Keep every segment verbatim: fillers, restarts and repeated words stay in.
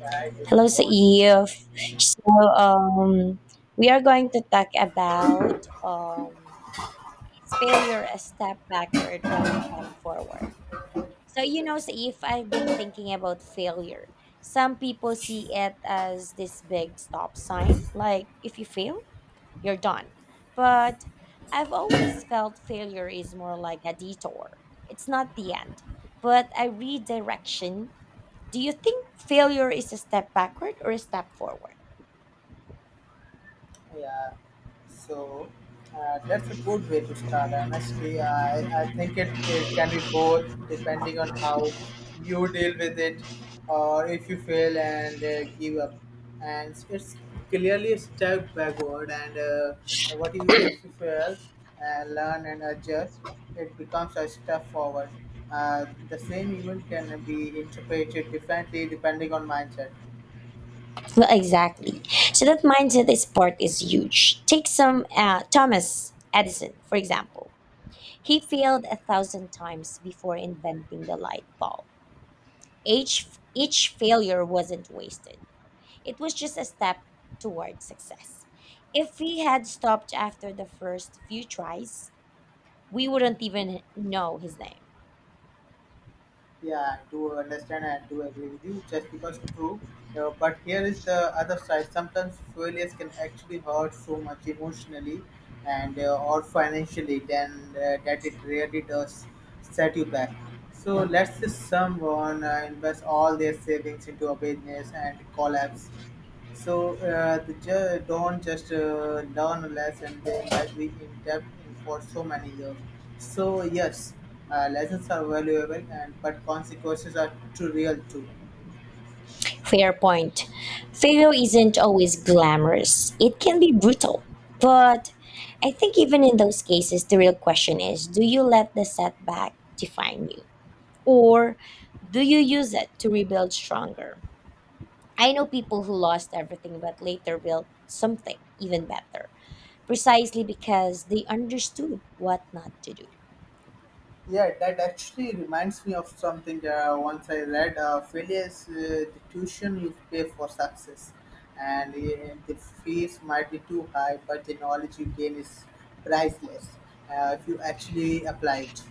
I with Hello, our Saif. So, um, we are going to talk about um, is failure a step backward or a step forward? So, you children. know, Saif, I've been thinking about failure. Some people see it as this big stop sign, like if you fail, you're done. But I've always felt failure is more like a detour, it's not the end, but a redirection. Do you think failure is a step backward or a step forward? Yeah, so uh, that's a good way to start. Honestly, I, I think it, it can be both depending on how you deal with it or if you fail and uh, give up. And it's clearly a step backward. And uh, what you if you fail, uh, learn and adjust, it becomes a step forward. Uh, the same event can be interpreted differently depending on mindset. Well, exactly. So that mindset is part is huge. Take some uh, Thomas Edison, for example. He failed a thousand times before inventing the light bulb. Each, each failure wasn't wasted, it was just a step toward success. If he had stopped after the first few tries, we wouldn't even know his name. Yeah, I do understand and do agree with you. Just because true, uh, but here is the other side. Sometimes failures can actually hurt so much emotionally and uh, or financially than uh, that it really does set you back. So let's say someone uh, invest all their savings into a business and collapse so uh, the ju- don't just uh, learn a lesson; they might be in depth in for so many years. So yes, uh, lessons are valuable, and but consequences are too real too. Fair point. Failure isn't always glamorous, it can be brutal. But I think even in those cases, the real question is, do you let the setback define you? Or do you use it to rebuild stronger? I know people who lost everything but later built something even better, precisely because they understood what not to do. Yeah, that actually reminds me of something that uh, once I read. Uh, failure is uh, the tuition you pay for success, and uh, the fees might be too high, but the knowledge you gain is priceless uh, if you actually apply it.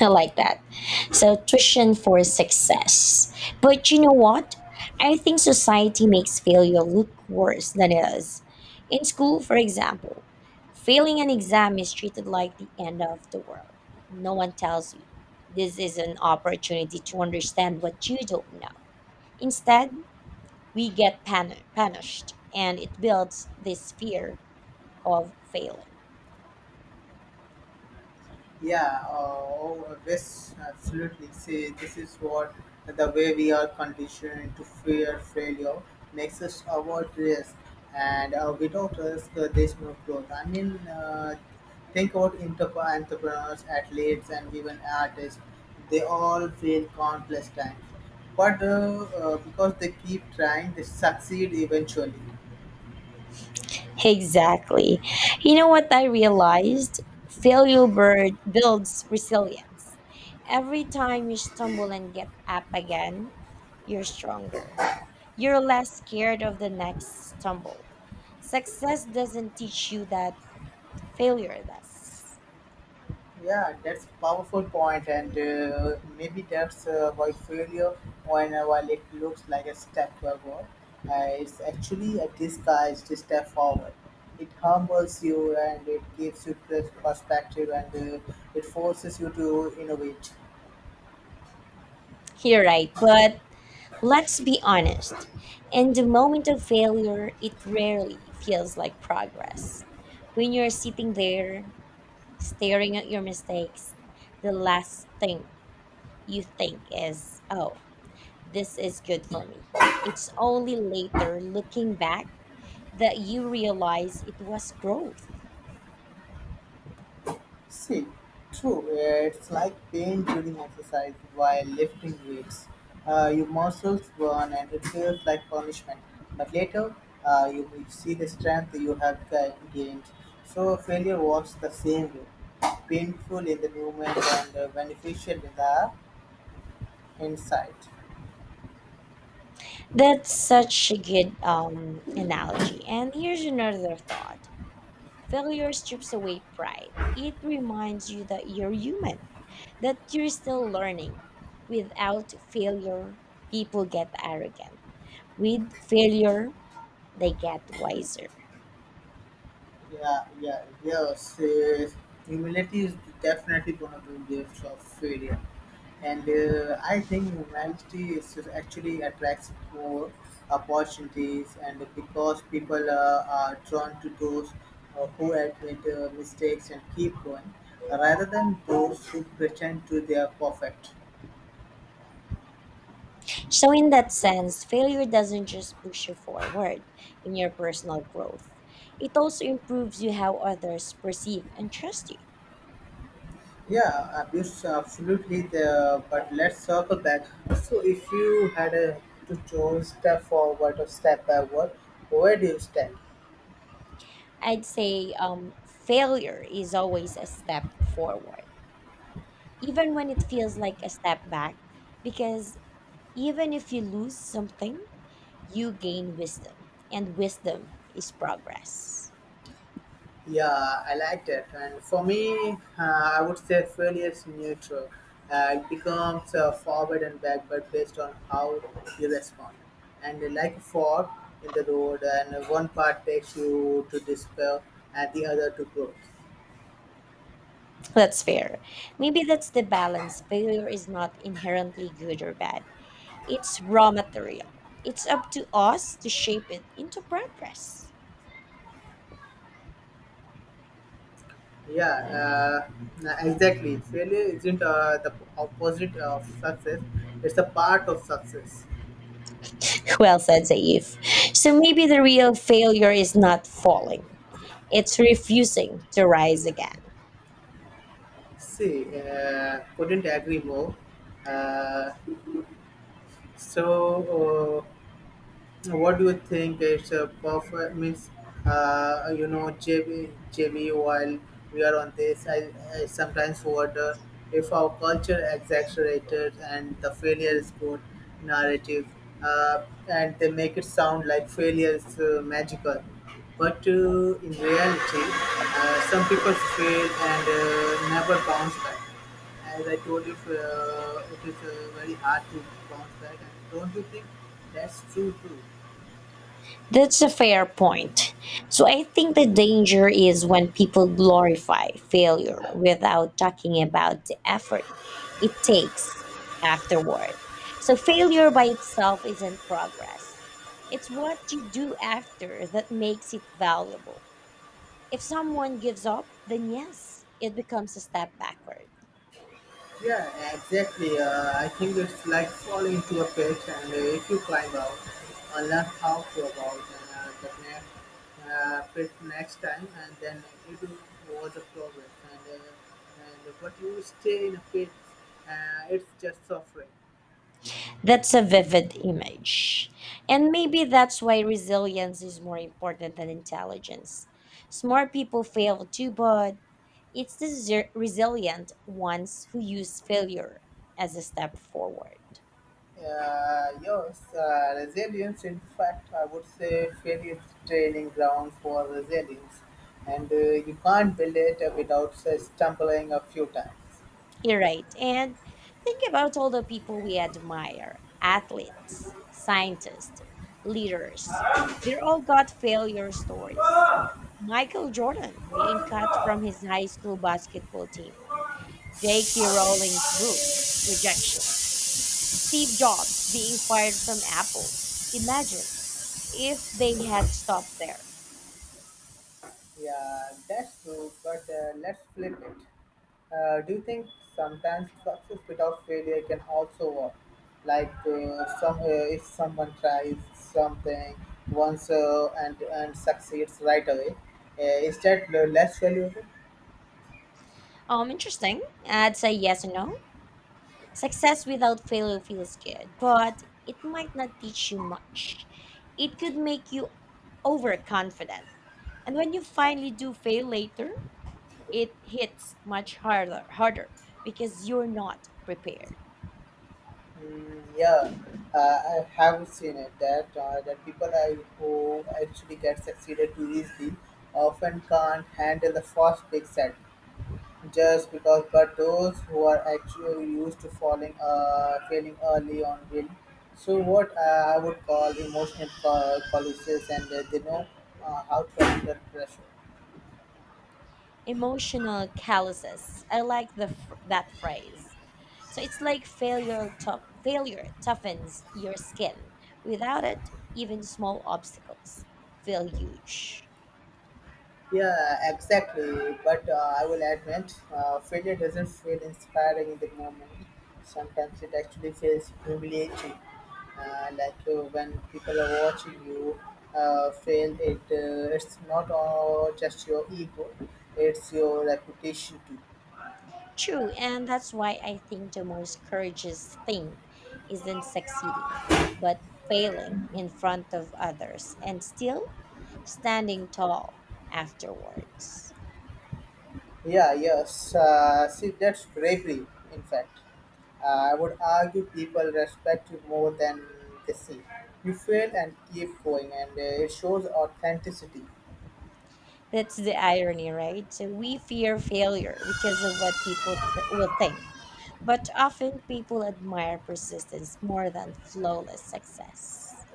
I like that. So, tuition for success. But you know what? I think society makes failure look worse than it is. In school, for example, failing an exam is treated like the end of the world. No one tells you this is an opportunity to understand what you don't know. Instead, we get pan- punished, and it builds this fear of failing. Yeah, uh, oh, yes, absolutely. See, this is what the way we are conditioned to fear failure makes us avoid risk, and uh, without risk, uh, there's no growth. I mean, uh, think about entrep- entrepreneurs, athletes, and even artists. They all fail countless times, but uh, uh, because they keep trying, they succeed eventually. Exactly. You know what I realized? Failure bird builds resilience. Every time you stumble and get up again, you're stronger. You're less scared of the next stumble. Success doesn't teach you that, failure does. Yeah, that's a powerful point, and uh, maybe that's uh, why failure, when uh, while it looks like a step backward, uh, it's actually a disguised step forward. It humbles you and it gives you pers- perspective and uh, it forces you to innovate. You're right, but let's be honest. In the moment of failure, it rarely feels like progress. When you're sitting there, staring at your mistakes, the last thing you think is, oh, this is good for me. It's only later, looking back, that you realize it was growth. See, true, uh, it's like pain during exercise while lifting weights. Uh, your muscles burn and it feels like punishment. But later, uh, you will see the strength you have ga- gained. So, failure works the same way painful in the moment and uh, beneficial in the inside. That's such a good um, analogy. And here's another thought, failure strips away pride, it reminds you that you're human, that you're still learning. Without failure, people get arrogant. With failure, they get wiser. Yeah, yeah, yes. Uh, Humility is definitely one of the gifts of failure, and uh, I think humility is actually attracts more opportunities, and because people uh, are drawn to those uh, who admit uh, mistakes and keep going, rather than those who pretend to they are perfect. So, in that sense, failure doesn't just push you forward in your personal growth, it also improves you how others perceive and trust you. Yeah, abuse absolutely there, but let's circle back. So, if you had a, to choose step forward or step backward, where do you stand? I'd say um, failure is always a step forward, even when it feels like a step back, because even if you lose something, you gain wisdom, and wisdom is progress. Yeah, I like that. And for me, uh, I would say failure is neutral. Uh, it becomes uh, forward and backward based on how you respond. And like a fork in the road, and one part takes you to despair and the other to growth. That's fair. Maybe that's the balance. Failure is not inherently good or bad. It's raw material. It's up to us to shape it into progress. Yeah, uh, nah, exactly. Failure isn't uh, the opposite of success, it's a part of success. Well said, Zaif. So maybe the real failure is not falling, it's refusing to rise again. See, uh, couldn't agree more. Uh, so, uh, what do you think is a performance? Uh, you know, J B, JB, while we are on this, I, I sometimes wonder if our culture exaggerated and the failure is good narrative, uh, and they make it sound like failure is uh, magical. But uh, in reality, uh, some people fail and uh, never bounce back. As I told you, uh, it is uh, very hard to bounce back, and don't you think that's true too? That's a fair point. So I think the danger is when people glorify failure without talking about the effort it takes afterward. So failure by itself isn't progress. It's what you do after that makes it valuable. If someone gives up, then yes, it becomes a step backward. Yeah, exactly. Uh, I think it's like falling into a pit, and uh, if you climb out, uh, learn how to about uh, the next uh, pit next time, and then it was a progress. And, uh, and but you stay in a pit, uh, it's just suffering. That's a vivid image. And maybe that's why resilience is more important than intelligence. Smart people fail too, but it's the zer- resilient ones who use failure as a step forward. Uh, yes, uh, resilience, in fact, I would say failure is training ground for resilience. And uh, you can't build it without say, stumbling a few times. You're right. And think about all the people we admire, athletes, scientists, leaders. They're all got failure stories. Michael Jordan being cut from his high school basketball team, J K. Rowling's book, rejections. Steve Jobs being fired from Apple. Imagine if they had stopped there. Yeah, that's true, but uh, let's flip it. Uh, do you think sometimes success without failure can also work? Like uh, some, uh, if someone tries something once uh, and, and succeeds right away, uh, is that less valuable? Um, interesting. I'd say yes and no. Success without failure feels good, but it might not teach you much. It could make you overconfident. And when you finally do fail later, it hits much harder, harder, because you're not prepared. Mm, yeah, uh, I have seen it that uh, that people I who actually get succeeded too easily often can't handle the first big set just because. But those who are actually used to falling, uh, failing early on will. So what uh, I would call emotional col- colossus, and uh, they know uh, how to handle pressure. Emotional calluses. I like the fr- that phrase. So it's like failure tough, failure toughens your skin. Without it, even small obstacles feel huge. Yeah, exactly. But uh, I will admit, uh, failure doesn't feel inspiring in the moment. Sometimes it actually feels humiliating. Uh, like uh, when people are watching you uh, fail, it uh, it's not all just your ego; it's your reputation too. True, and that's why I think the most courageous thing isn't succeeding, but failing in front of others and still standing tall afterwards. Yeah, yes. Uh, see, that's bravery. In fact, uh, I would argue people respect you more than they see. You fail and keep going, and uh, it shows authenticity. That's the irony, right? So we fear failure because of what people th- will think. But often people admire persistence more than flawless success.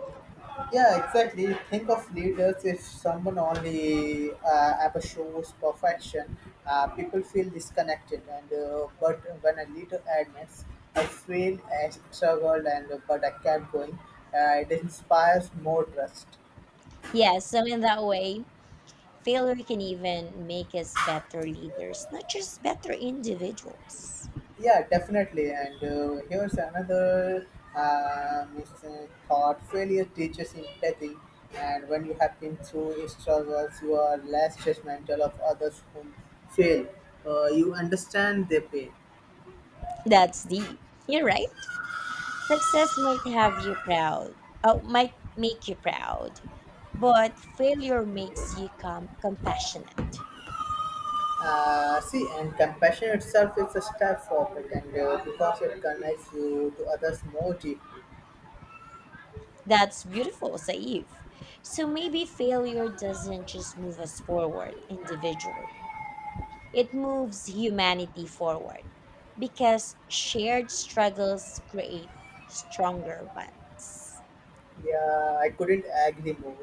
Yeah, exactly. Think of leaders if someone only uh, ever shows perfection, uh, people feel disconnected. And uh, but when a leader admits, I feel I struggled, and but I kept going, uh, it inspires more trust. Yeah, so in that way, failure can even make us better leaders, not just better individuals. Yeah, definitely. And uh, here's another uh, mis- uh, thought failure teaches empathy. And when you have been through struggles, you are less judgmental of others who fail. Uh, you understand their pain. That's deep. You're right. Success might have you proud, oh, might make you proud, but failure makes you com- compassionate. Uh, see, and compassion itself is a step forward, and uh, because it connects you to others more deeply. That's beautiful, Saif. So maybe failure doesn't just move us forward individually, it moves humanity forward because shared struggles create stronger bonds. Yeah, I couldn't agree more.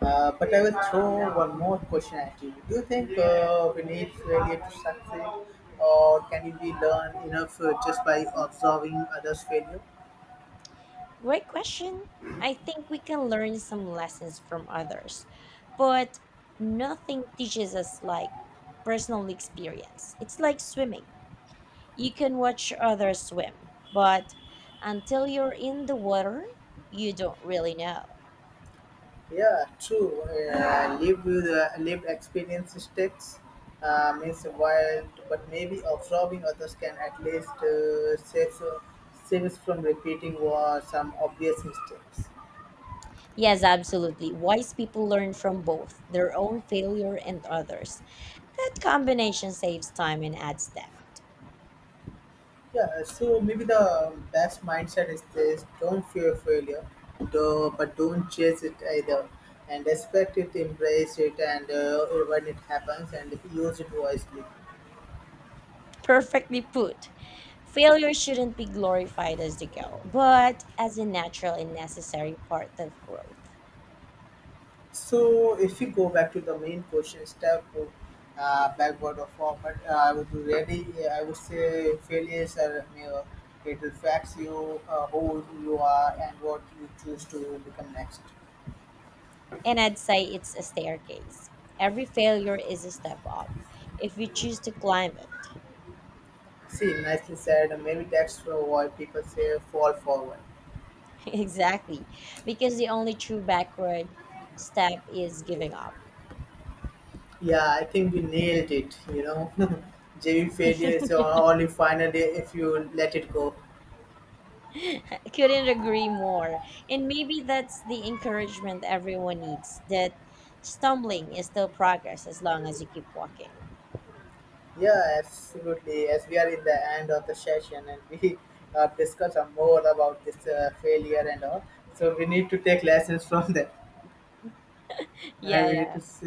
Uh, but I will throw one more question at you. Do you think uh, we need failure to succeed, or can we learn enough uh, just by observing others' failure? Great question. I think we can learn some lessons from others, but nothing teaches us like personal experience. It's like swimming. You can watch others swim, but until you're in the water, you don't really know. Yeah, true. Uh, live with uh, lived experience stakes uh, means wild, but maybe observing others can at least uh, save, save us from repeating uh, some obvious mistakes. Yes, absolutely. Wise people learn from both their own failure and others. That combination saves time and adds depth. Yeah, so maybe the best mindset is this: don't fear failure, do but don't chase it either, and respect it, embrace it, and uh, when it happens, and use it wisely. Perfectly put. Failure shouldn't be glorified as the goal, but as a natural and necessary part of growth. So, if we go back to the main question, step uh, backward or forward, uh, I would really, I would say, failures are a mirror. It reflects you, uh, who you are, and what you choose to become next. And I'd say it's a staircase. Every failure is a step up if you choose to climb it. See, nicely said. Maybe that's why people say fall forward. Exactly. Because the only true backward step is giving up. Yeah, I think we nailed it, you know. J V failure is your only final day if you let it go. Couldn't agree more. And maybe that's the encouragement everyone needs, that stumbling is still progress as long as you keep walking. Yeah, absolutely. As we are in the end of the session and we uh, discuss some more about this uh, failure and all, so we need to take lessons from that and Yeah, we need to yeah. s-